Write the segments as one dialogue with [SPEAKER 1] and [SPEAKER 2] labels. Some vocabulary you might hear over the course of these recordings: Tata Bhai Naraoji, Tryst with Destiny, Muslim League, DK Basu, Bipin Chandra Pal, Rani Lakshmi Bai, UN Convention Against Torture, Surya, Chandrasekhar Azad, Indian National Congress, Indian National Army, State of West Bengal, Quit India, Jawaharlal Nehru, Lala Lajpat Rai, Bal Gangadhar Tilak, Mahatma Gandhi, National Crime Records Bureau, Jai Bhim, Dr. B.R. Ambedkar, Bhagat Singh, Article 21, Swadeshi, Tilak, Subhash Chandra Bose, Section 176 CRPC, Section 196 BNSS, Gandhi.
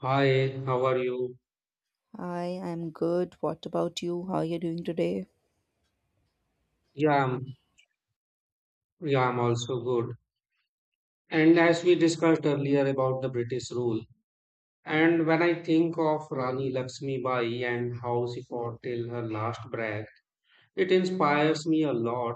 [SPEAKER 1] Hi, how are you?
[SPEAKER 2] Hi, I'm good. What about you? How are you doing today?
[SPEAKER 1] Yeah, I'm also good. And as we discussed earlier about the British rule, and when I think of Rani Lakshmi Bai and how she fought till her last breath, it inspires me a lot.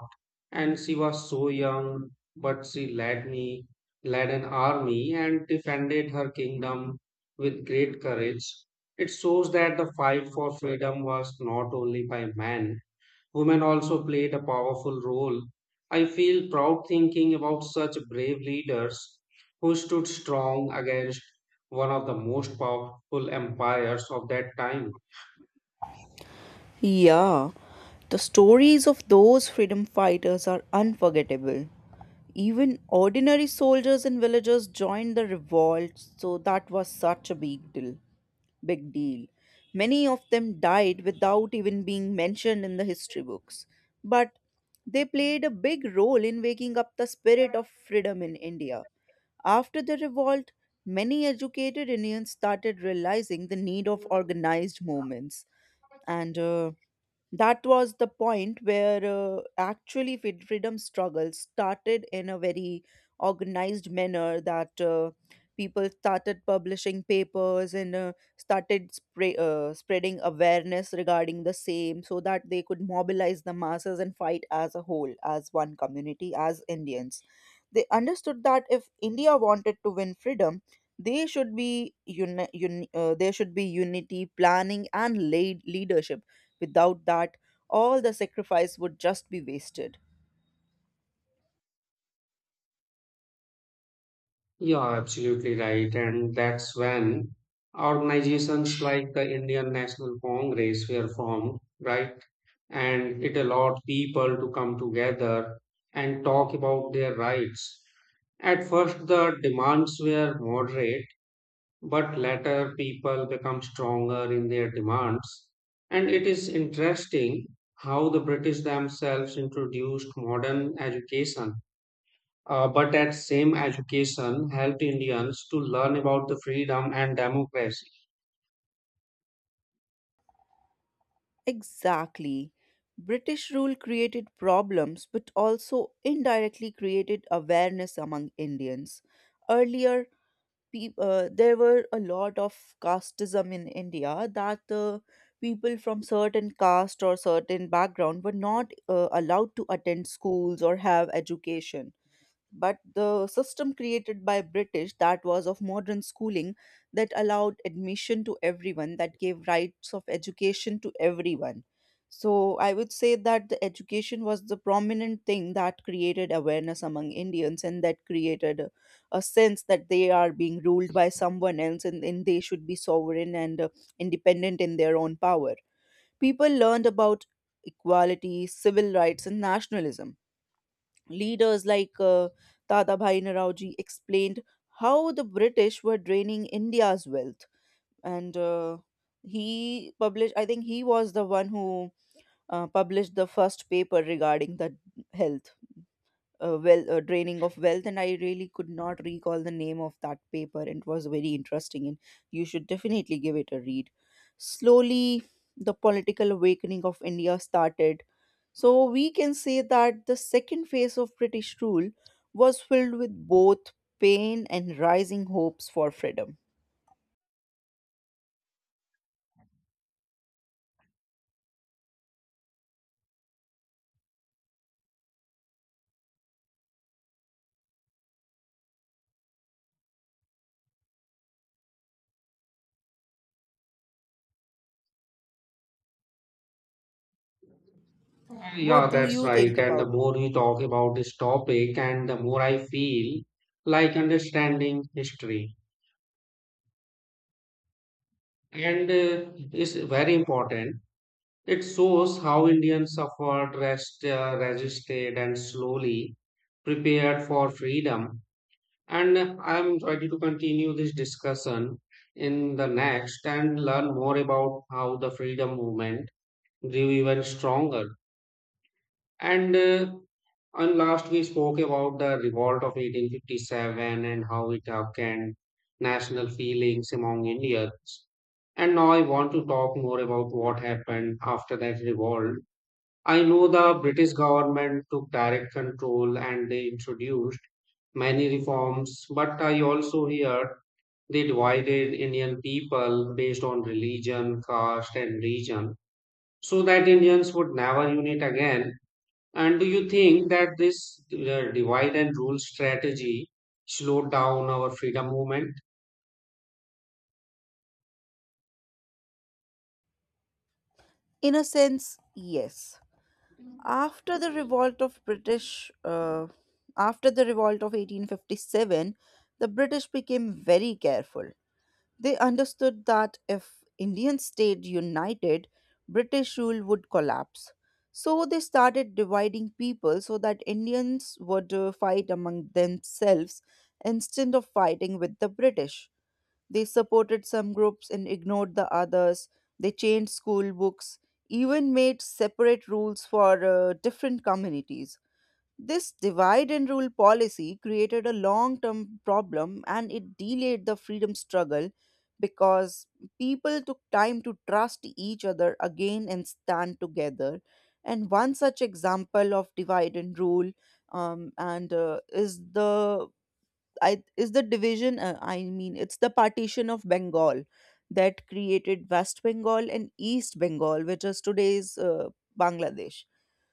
[SPEAKER 1] And she was so young, but led an army and defended her kingdom with great courage. It shows that the fight for freedom was not only by men. Women also played a powerful role. I feel proud thinking about such brave leaders who stood strong against one of the most powerful empires of that time.
[SPEAKER 2] Yeah, the stories of those freedom fighters are unforgettable. Even ordinary soldiers and villagers joined the revolt, so that was such a big deal. Many of them died without even being mentioned in the history books, but they played a big role in waking up the spirit of freedom in India. After the revolt, many educated Indians started realizing the need of organized movements. And That was the point where actually freedom struggle started in a very organized manner, that people started publishing papers and started spreading awareness regarding the same so that they could mobilize the masses and fight as a whole, as one community, as Indians. They understood that if India wanted to win freedom, they should be uni- uni- there should be unity, planning, and leadership. Without that, all the sacrifice would just be wasted.
[SPEAKER 1] Yeah, absolutely right. And that's when organizations like the Indian National Congress were formed, right? And it allowed people to come together and talk about their rights. At first, the demands were moderate but later people become stronger in their demands. And it is interesting how the British themselves introduced modern education, but that same education helped Indians to learn about the freedom and democracy.
[SPEAKER 2] Exactly. British rule created problems but also indirectly created awareness among Indians. Earlier, peop there were a lot of casteism in India, that people from certain caste or certain background were not allowed to attend schools or have education. But the system created by British, that was of modern schooling, that allowed admission to everyone, that gave rights of education to everyone. So I would say that the education was the prominent thing that created awareness among Indians, and that created a sense that they are being ruled by someone else, and they should be sovereign and independent in their own power. People learned about equality, civil rights, and nationalism. Leaders like Tata Bhai Naraoji explained how the British were draining India's wealth. And He published, I think he was the one who published the first paper regarding the health well draining of wealth. And I really could not recall the name of that paper. It was very interesting, and you should definitely give it a read. Slowly, the political awakening of India started. So we can say that the second phase of British rule was filled with both pain and rising hopes for freedom. What
[SPEAKER 1] Yeah,
[SPEAKER 2] do
[SPEAKER 1] that's
[SPEAKER 2] you
[SPEAKER 1] right.
[SPEAKER 2] think
[SPEAKER 1] And the
[SPEAKER 2] about that?
[SPEAKER 1] more we talk about this topic, and the more I feel like understanding history. And it's very important. It shows how Indians suffered, resisted, and slowly prepared for freedom. And I'm ready to continue this discussion in the next and learn more about how the freedom movement grew even stronger. And uh, and last we spoke about the revolt of 1857 and how it awakened national feelings among Indians. And now I want to talk more about what happened after that revolt. I know the British government took direct control and they introduced many reforms, but I also hear they divided Indian people based on religion, caste, and region so that Indians would never unite again. And do you think that this divide and rule strategy slowed down our freedom movement?
[SPEAKER 2] In a sense, yes. after the revolt of british uh, After the revolt of 1857, the British became very careful. They understood that if Indians stayed united, British rule would collapse. So they started dividing people so that Indians would fight among themselves instead of fighting with the British. They supported some groups and ignored the others. They changed school books, even made separate rules for different communities. This divide and rule policy created a long term problem, and it delayed the freedom struggle because people took time to trust each other again and stand together. And one such example of divide and rule and is the division. I mean, it's the partition of Bengal that created West Bengal and East Bengal, which is today's Bangladesh.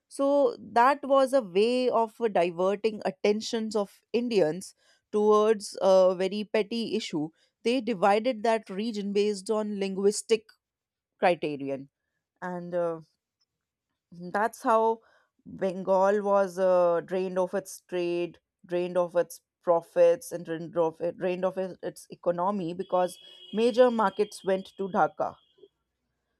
[SPEAKER 2] So that was a way of diverting attentions of Indians towards a very petty issue. They divided that region based on linguistic criterion, and that's how Bengal was drained of its trade, drained of its profits, and its economy, because major markets went to Dhaka.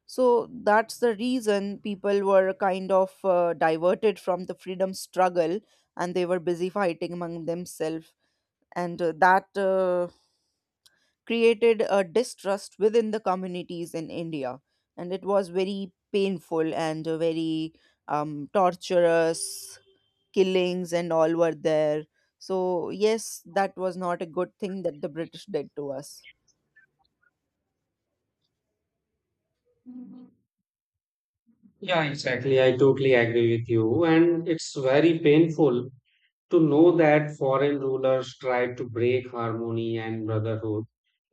[SPEAKER 2] So that's the reason people were kind of diverted from the freedom struggle, and they were busy fighting among themselves. And that created a distrust within the communities in India. And it was very painful and a very torturous. Killings and all were there. So, yes, that was not a good thing that the British did to us.
[SPEAKER 1] Yeah, exactly. I totally agree with you. And it's very painful to know that foreign rulers tried to break harmony and brotherhood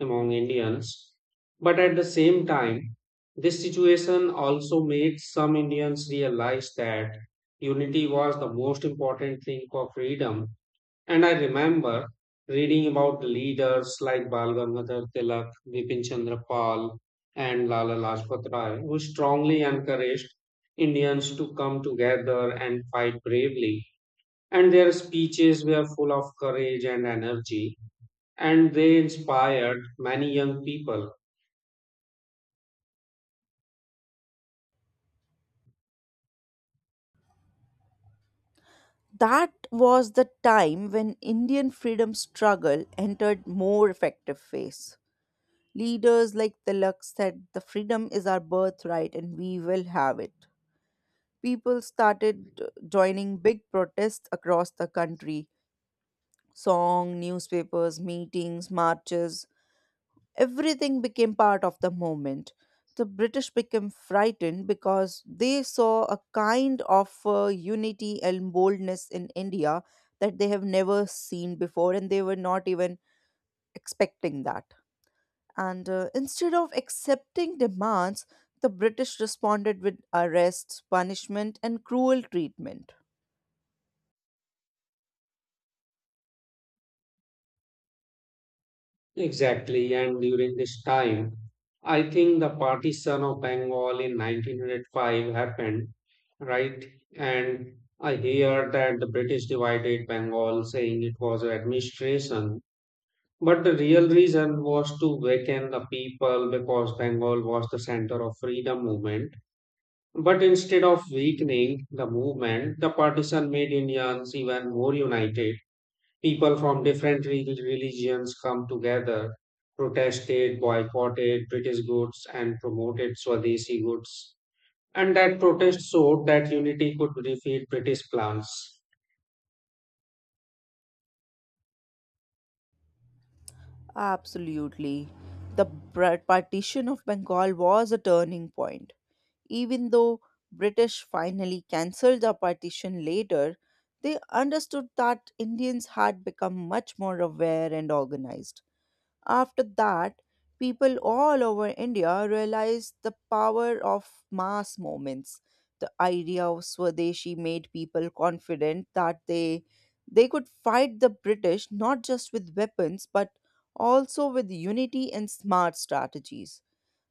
[SPEAKER 1] among Indians. But at the same time, this situation also made some Indians realize that unity was the most important thing for freedom. And I remember reading about leaders like Bal Gangadhar Tilak, Bipin Chandra Pal, and Lala Lajpat Rai, who strongly encouraged Indians to come together and fight bravely and their speeches were full of courage and energy and they inspired many young people.
[SPEAKER 2] That was the time when Indian freedom struggle entered more effective phase. Leaders like Tilak said, "The freedom is our birthright and we will have it." People started joining big protests across the country. Song, newspapers, meetings, marches, everything became part of the movement. The British became frightened because they saw a kind of unity and boldness in India that they have never seen before, and they were not even expecting that. And Instead of accepting demands, the British responded with arrests, punishment, and cruel treatment.
[SPEAKER 1] Exactly, and during this time, I think the partition of Bengal in 1905 happened, right? And I hear that the British divided Bengal saying it was administration but the real reason was to waken the people because Bengal was the center of freedom movement. But instead of weakening the movement, the partition made Indians even more united. People from different religions come together, protested, boycotted British goods, and promoted Swadeshi goods. And that protest showed that unity could defeat British plans.
[SPEAKER 2] Absolutely. The partition of Bengal was a turning point. Even though British finally cancelled the partition later, they understood that Indians had become much more aware and organized. After that, people all over India realized the power of mass movements. The idea of Swadeshi made people confident that they could fight the British not just with weapons but also with unity and smart strategies.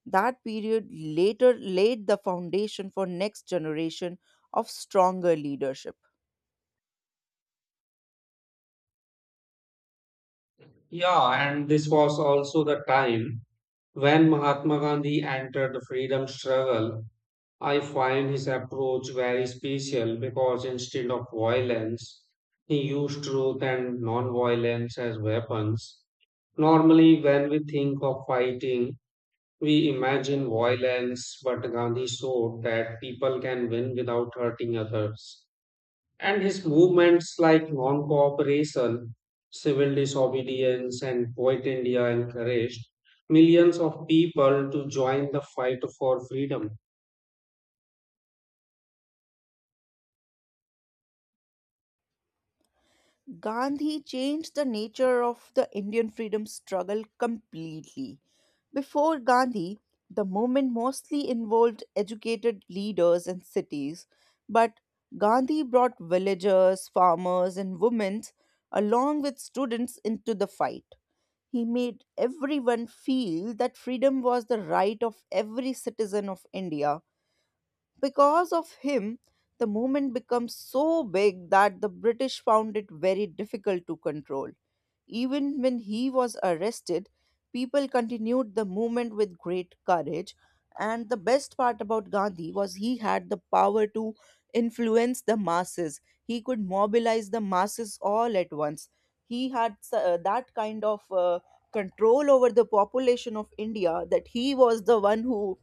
[SPEAKER 2] That period later laid the foundation for next generation of stronger leadership.
[SPEAKER 1] Yeah, and this was also the time when Mahatma Gandhi entered the freedom struggle. I find his approach very special because instead of violence, he used truth and non-violence as weapons. Normally, when we think of fighting, we imagine violence, but Gandhi showed that people can win without hurting others. And his movements like non cooperation, civil disobedience, and Quit India encouraged millions of people to join the fight for freedom.
[SPEAKER 2] Gandhi changed the nature of the Indian freedom struggle completely. Before Gandhi, the movement mostly involved educated leaders and cities, but Gandhi brought villagers, farmers, and women along with students into the fight. He made everyone feel that freedom was the right of every citizen of India. Because of him, the movement becomes so big that the British found it very difficult to control. Even when he was arrested, people continued the movement with great courage. And the best part about Gandhi was, he had the power to influence the masses. He could mobilize the masses all at once. He had that kind of control over the population of India, that he was the one who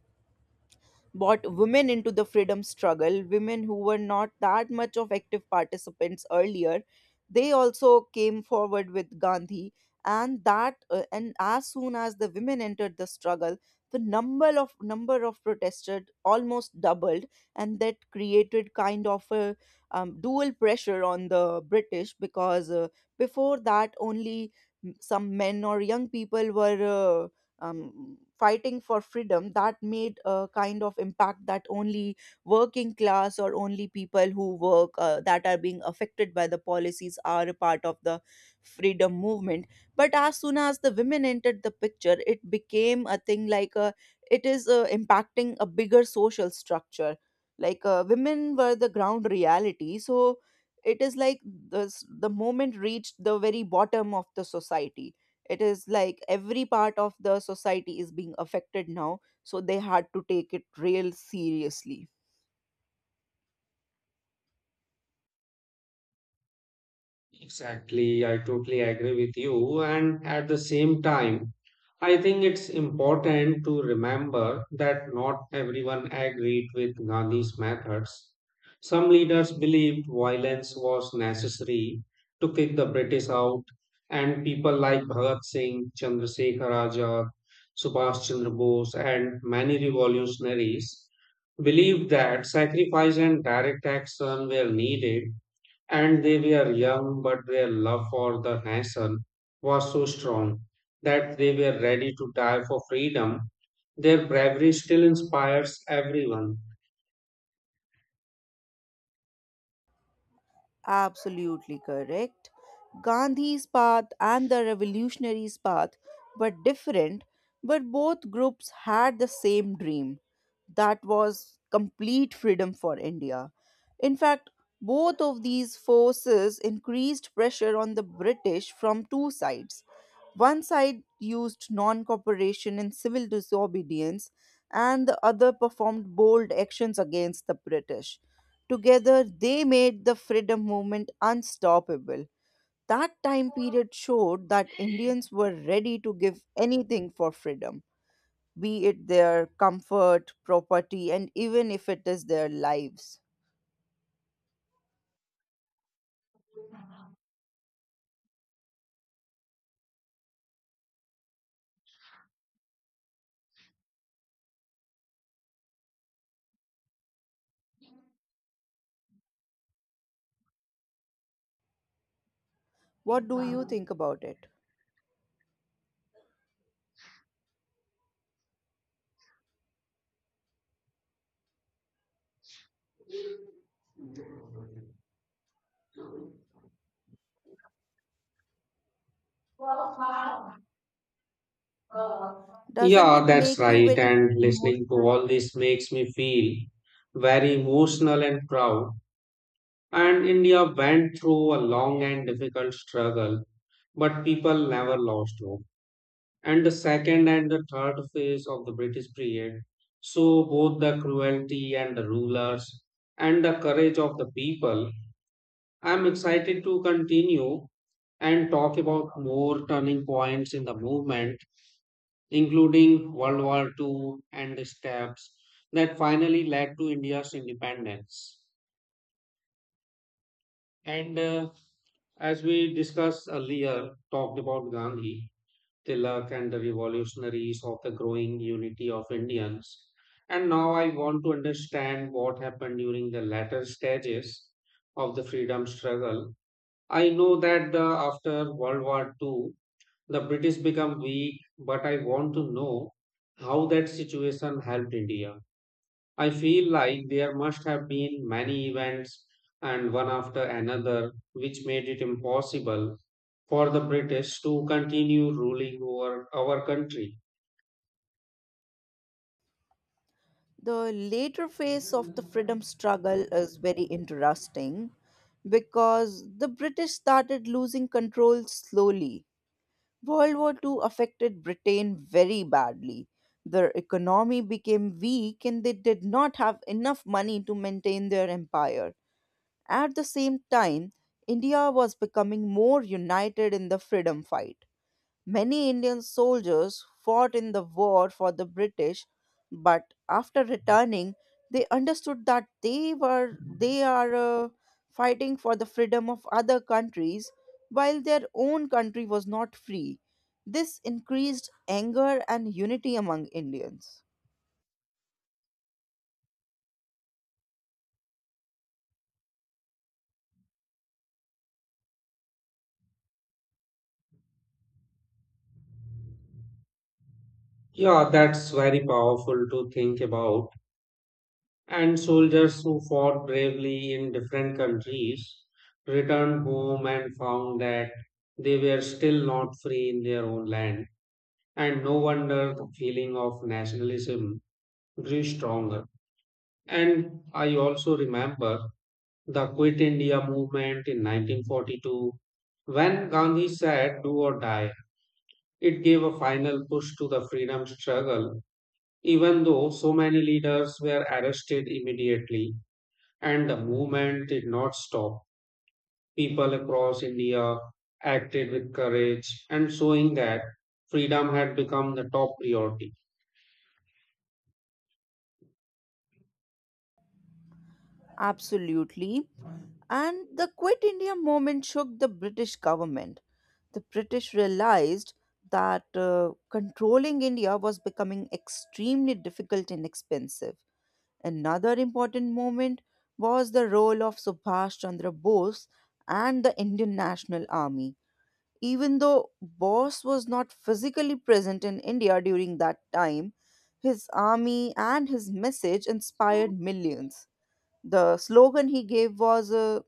[SPEAKER 2] brought women into the freedom struggle, women who were not that much of active participants earlier. They also came forward with Gandhi, and that and as soon as the women entered the struggle, the number of protesters almost doubled. And that created kind of a dual pressure on the British, because before that only some men or young people were fighting for freedom. That made a kind of impact that only working class, or only people who work that are being affected by the policies, are a part of the freedom movement. But as soon as the women entered the picture, it became a thing like, it is impacting a bigger social structure. Like women were the ground reality, so it is like the moment reached the very bottom of the society. It is like every part of the society is being affected now, so they had to take it real seriously.
[SPEAKER 1] Exactly, I totally agree with you. And at the same time, I think it's important to remember that not everyone agreed with Gandhi's methods. Some leaders believed violence was necessary to kick the British out, and people like Bhagat Singh, Chandrasekhar Azad, Subhash Chandra Bose, and many revolutionaries believed that sacrifice and direct action were needed and they were young, but their love for the nation was so strong that they were ready to die for freedom. Their bravery still inspires everyone.
[SPEAKER 2] Absolutely correct. Gandhi's path and the revolutionaries' path were different, but both groups had the same dream. That was complete freedom for India. In fact, both of these forces increased pressure on the British from two sides. One side used non cooperation and civil disobedience, and the other performed bold actions against the British. Together, they made the freedom movement unstoppable. That time period showed that Indians were ready to give anything for freedom, be it their comfort, property, and even if it is their lives. What do you think about it? Doesn't
[SPEAKER 1] Yeah,
[SPEAKER 2] it
[SPEAKER 1] that's
[SPEAKER 2] make you
[SPEAKER 1] right.
[SPEAKER 2] very
[SPEAKER 1] And listening to
[SPEAKER 2] emotional?
[SPEAKER 1] all this makes me feel very emotional and proud. And India went through a long and difficult struggle, but people never lost hope. And the second and the third phase of the British period show both the cruelty and the rulers and the courage of the people. I'm excited to continue and talk about more turning points in the movement, including World War II and the steps that finally led to India's independence. And as we discussed earlier, talked about Gandhi, Tilak and the revolutionaries of the growing unity of Indians. And now I want to understand what happened during the latter stages of the freedom struggle. I know that after World War II, the British become weak, but I want to know how that situation helped India. I feel like there must have been many events and one after another which made it impossible for the British to continue ruling over our country.
[SPEAKER 2] The later phase of the freedom struggle is very interesting because the British started losing control slowly. World War II affected Britain very badly. Their economy became weak and they did not have enough money to maintain their empire. At the same time, India was becoming more united in the freedom fight. Many Indian soldiers fought in the war for the British, but after returning, they understood that they are fighting for the freedom of other countries while their own country was not free. This increased anger and unity among Indians.
[SPEAKER 1] Yeah, that's very powerful to think about. And soldiers who fought bravely in different countries returned home and found that they were still not free in their own land. And no wonder the feeling of nationalism grew stronger. And I also remember the Quit India movement in 1942, when Gandhi said, Do or die, it gave a final push to the freedom struggle, even though so many leaders were arrested immediately and the movement did not stop. People across India acted with courage and showing that freedom had become the top priority.
[SPEAKER 2] Absolutely. And the Quit India movement shook the British government. The British realized that controlling India was becoming extremely difficult and expensive. Another important moment was the role of Subhash Chandra Bose and the Indian National Army. Even though Bose was not physically present in India during that time, his army and his message inspired millions. The slogan he gave was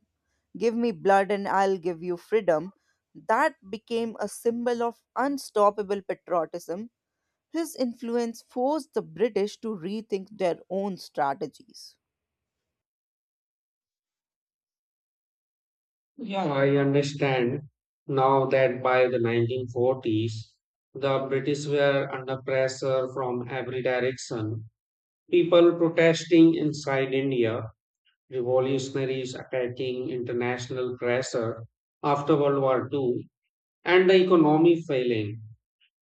[SPEAKER 2] "Give me blood and I'll give you freedom," that became a symbol of unstoppable patriotism. His influence forced the British to rethink their own strategies.
[SPEAKER 1] Yeah, I understand now that by the 1940s, the British were under pressure from every direction. People protesting inside India, revolutionaries attacking international pressure after World War II, and the economy failing.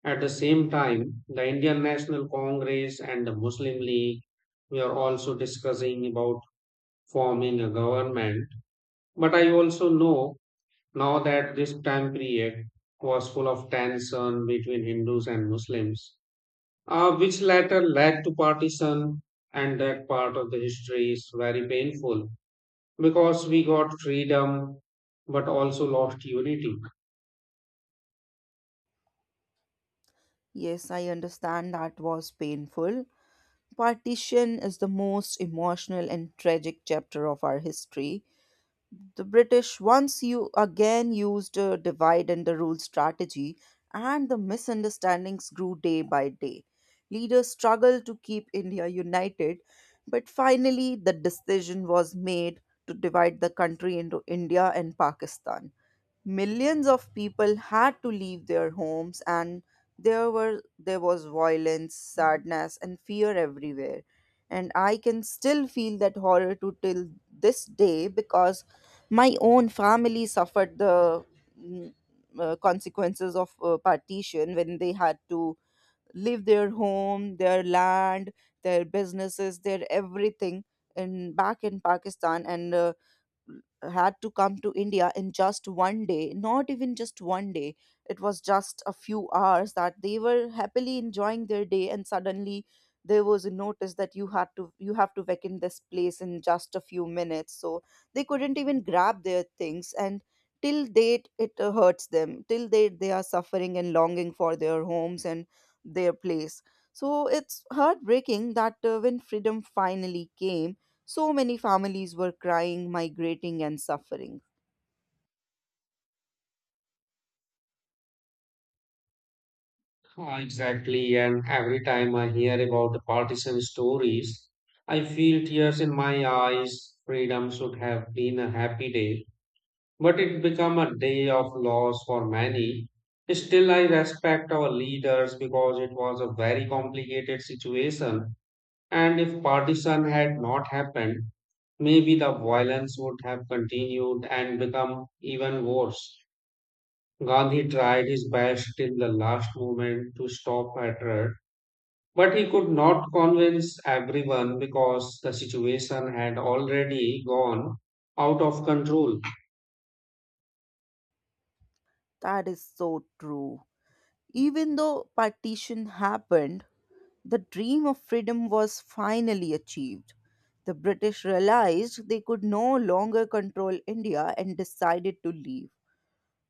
[SPEAKER 1] At the same time, the Indian National Congress and the Muslim League were also discussing about forming a government. But I also know now that this time period was full of tension between Hindus and Muslims, which later led to partition, and that part of the history is very painful because we got freedom but also lost unity.
[SPEAKER 2] Yes, I understand that was painful. Partition is the most emotional and tragic chapter of our history. The British once you again used a divide and the rule strategy, and the misunderstandings grew day by day. Leaders struggled to keep India united, but finally the decision was made to divide the country into India and Pakistan. Millions of people had to leave their homes, and there was violence, sadness, and fear everywhere. And I can still feel that horror to till this day, because my own family suffered the mm, consequences of partition when they had to leave their home, their land, their businesses, their everything in back in Pakistan. And had to come to India in just one day, not even just one day. It was just a few hours that they were happily enjoying their day, and suddenly there was a notice that you have to vacate this place in just a few minutes. So they couldn't even grab their things, and till date it hurts them. Till date they are suffering and longing for their homes and their place. So it's heartbreaking that when freedom finally came, so many families were crying, migrating, and suffering.
[SPEAKER 1] Ah, exactly, and every time I hear about the partition stories, I feel tears in my eyes. Freedom should have been a happy day but it became a day of loss for many. Still, I respect our leaders because it was a very complicated situation. And if partition had not happened, maybe the violence would have continued and become even worse. Gandhi tried his best till the last moment to stop hatred, but he could not convince everyone because the situation had already gone out of control.
[SPEAKER 2] That is so true. Even though partition happened, the dream of freedom was finally achieved. The British realized they could no longer control India and decided to leave.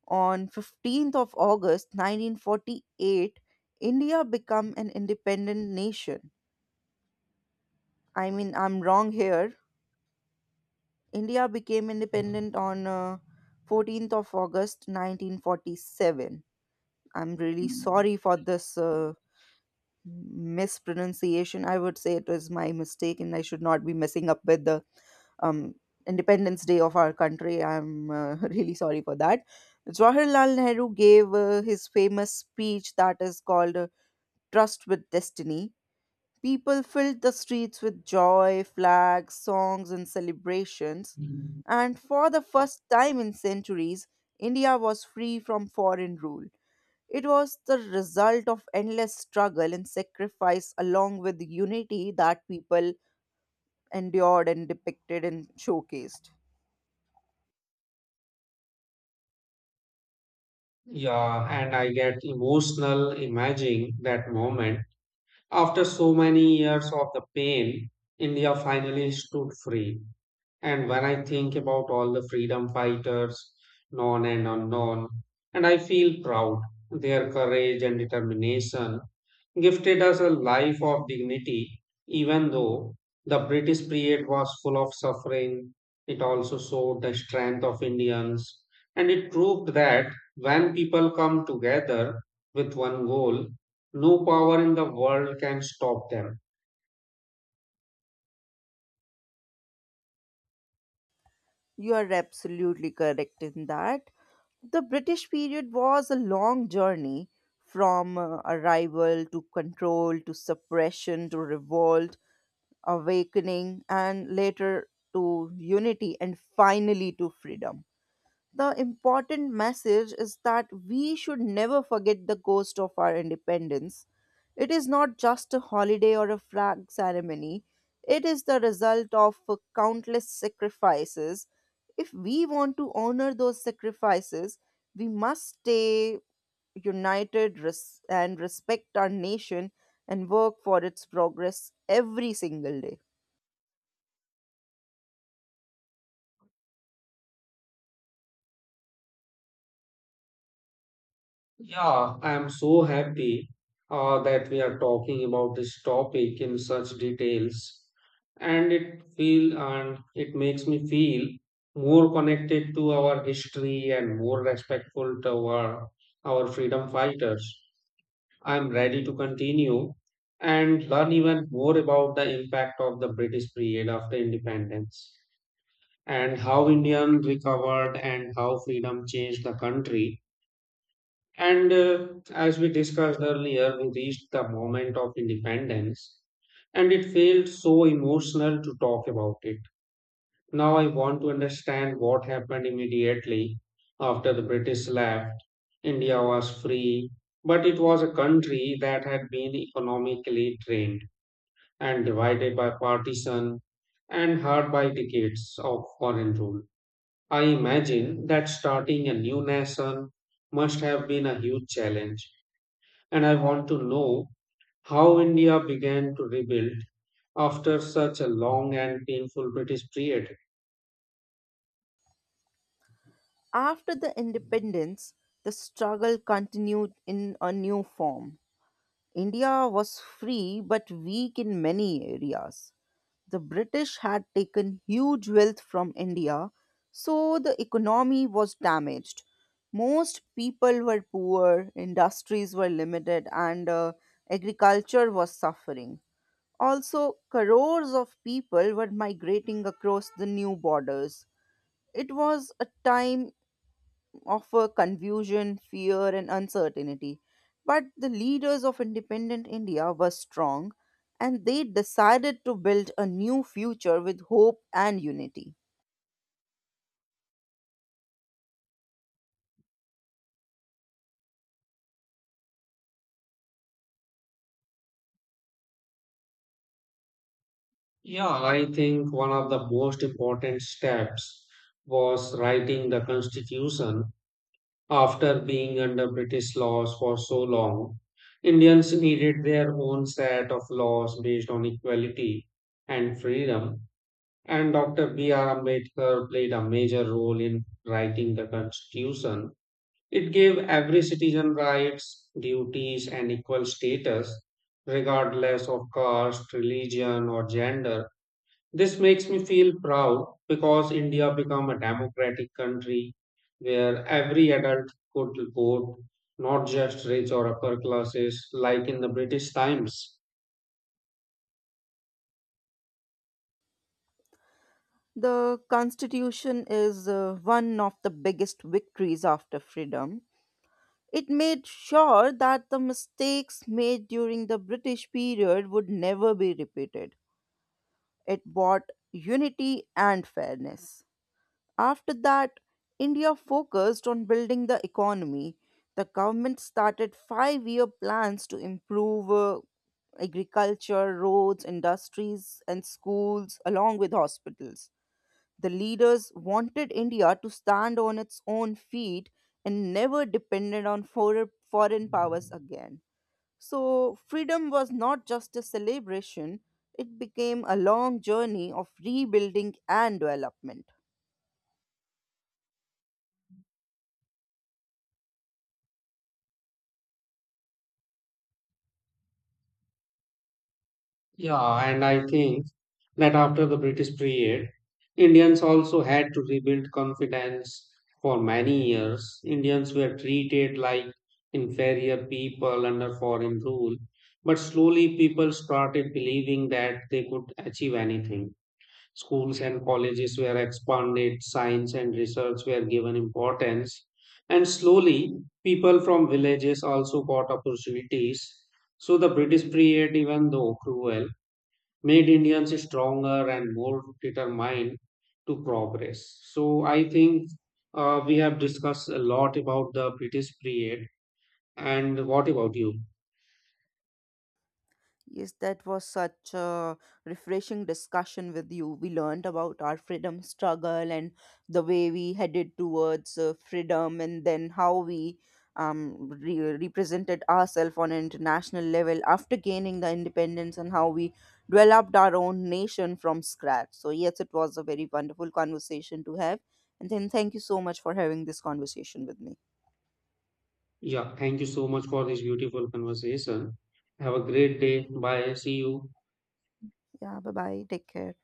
[SPEAKER 2] On 15th of August 1948, India became an independent nation. I mean, I'm wrong here, India became independent on 14th of August 1947. I'm really sorry for this mispronunciation. I would say it was my mistake, and I should not be messing up with the um, Independence Day of our country. I'm really sorry for that. Jawaharlal Nehru gave his famous speech that is called Trust with Destiny. People filled the streets with joy, flags, songs, and celebrations. And for the first time in centuries, India was free from foreign rule. It was the result of endless struggle and sacrifice, along with the unity that people endured and depicted and showcased.
[SPEAKER 1] Yeah, and I get emotional imagining that moment. After so many years of the pain, India finally stood free. And when I think about all the freedom fighters, known and unknown, and I feel proud, their courage and determination gifted us a life of dignity, even though the British period was full of suffering. It also showed the strength of Indians, and it proved that when people come together with one goal, no power in the world can stop them.
[SPEAKER 2] You are absolutely correct in that the British period was a long journey from arrival to control to suppression to revolt, awakening, and later to unity and finally to freedom. The important message is that we should never forget the ghost of our independence. It is not just a holiday or a flag ceremony, it is the result of countless sacrifices. If we want to honor those sacrifices, we must stay united and respect our nation and work for its progress every single day.
[SPEAKER 1] Yeah, I am so happy that we are talking about this topic in such details, and it makes me feel more connected to our history and more respectful to our freedom fighters. I am ready to continue and learn even more about the impact of the British period after independence and how Indians recovered and how freedom changed the country and as we discussed earlier, we reached the moment of independence and it felt so emotional to talk about it. Now I want to understand what happened immediately after the British left. India was free, but it was a country that had been economically drained and divided by partition and hard by decades of foreign rule. I imagine that starting a new nation must have been a huge challenge and I want to know how India began to rebuild after such a long and painful British period.
[SPEAKER 2] After the independence, the struggle continued in a new form. India was free but weak in many areas. The British had taken huge wealth from India, so the economy was damaged. Most people were poor, industries were limited, and agriculture was suffering. Also, crores of people were migrating across the new borders. It was a time of confusion, fear, and uncertainty. But the leaders of independent India were strong, and they decided to build a new future with hope and unity.
[SPEAKER 1] Yeah, I think one of the most important steps was writing the constitution after being under British laws for so long. Indians needed their own set of laws based on equality and freedom, and Dr. B.R. Ambedkar played a major role in writing the constitution. It gave every citizen rights, duties, and equal status, regardless of caste, religion, or gender. This makes me feel proud because India became a democratic country where every adult could vote, not just rich or upper classes like in the British times.
[SPEAKER 2] The Constitution is one of the biggest victories after freedom. It made sure that the mistakes made during the British period would never be repeated. It brought unity and fairness. After that, India focused on building the economy. The government started 5 year plans to improve agriculture, roads, industries, and schools, along with hospitals. The leaders wanted India to stand on its own feet and never depended on foreign powers again. So, freedom was not just a celebration, it became a long journey of rebuilding and development.
[SPEAKER 1] Yeah, and I think that after the British period, Indians also had to rebuild confidence for many years. Indians were treated like inferior people under foreign rule, but slowly people started believing that they could achieve anything. Schools and colleges were expanded, science and research were given importance, and slowly people from villages also got opportunities. So the British period, even though cruel, made Indians stronger and more determined to progress. So I think we have discussed a lot about the British period. And what about you?
[SPEAKER 2] Yes, that was such a refreshing discussion with you. We learned about our freedom struggle and the way we headed towards freedom, and then how we represented ourselves on an international level after gaining the independence, and how we developed our own nation from scratch. So, yes, it was a very wonderful conversation to have. And then, thank you so much for having this conversation with me.
[SPEAKER 1] Yeah, thank you so much for this beautiful conversation. Have a great day. Bye. See you.
[SPEAKER 2] Yeah, bye bye. Take care.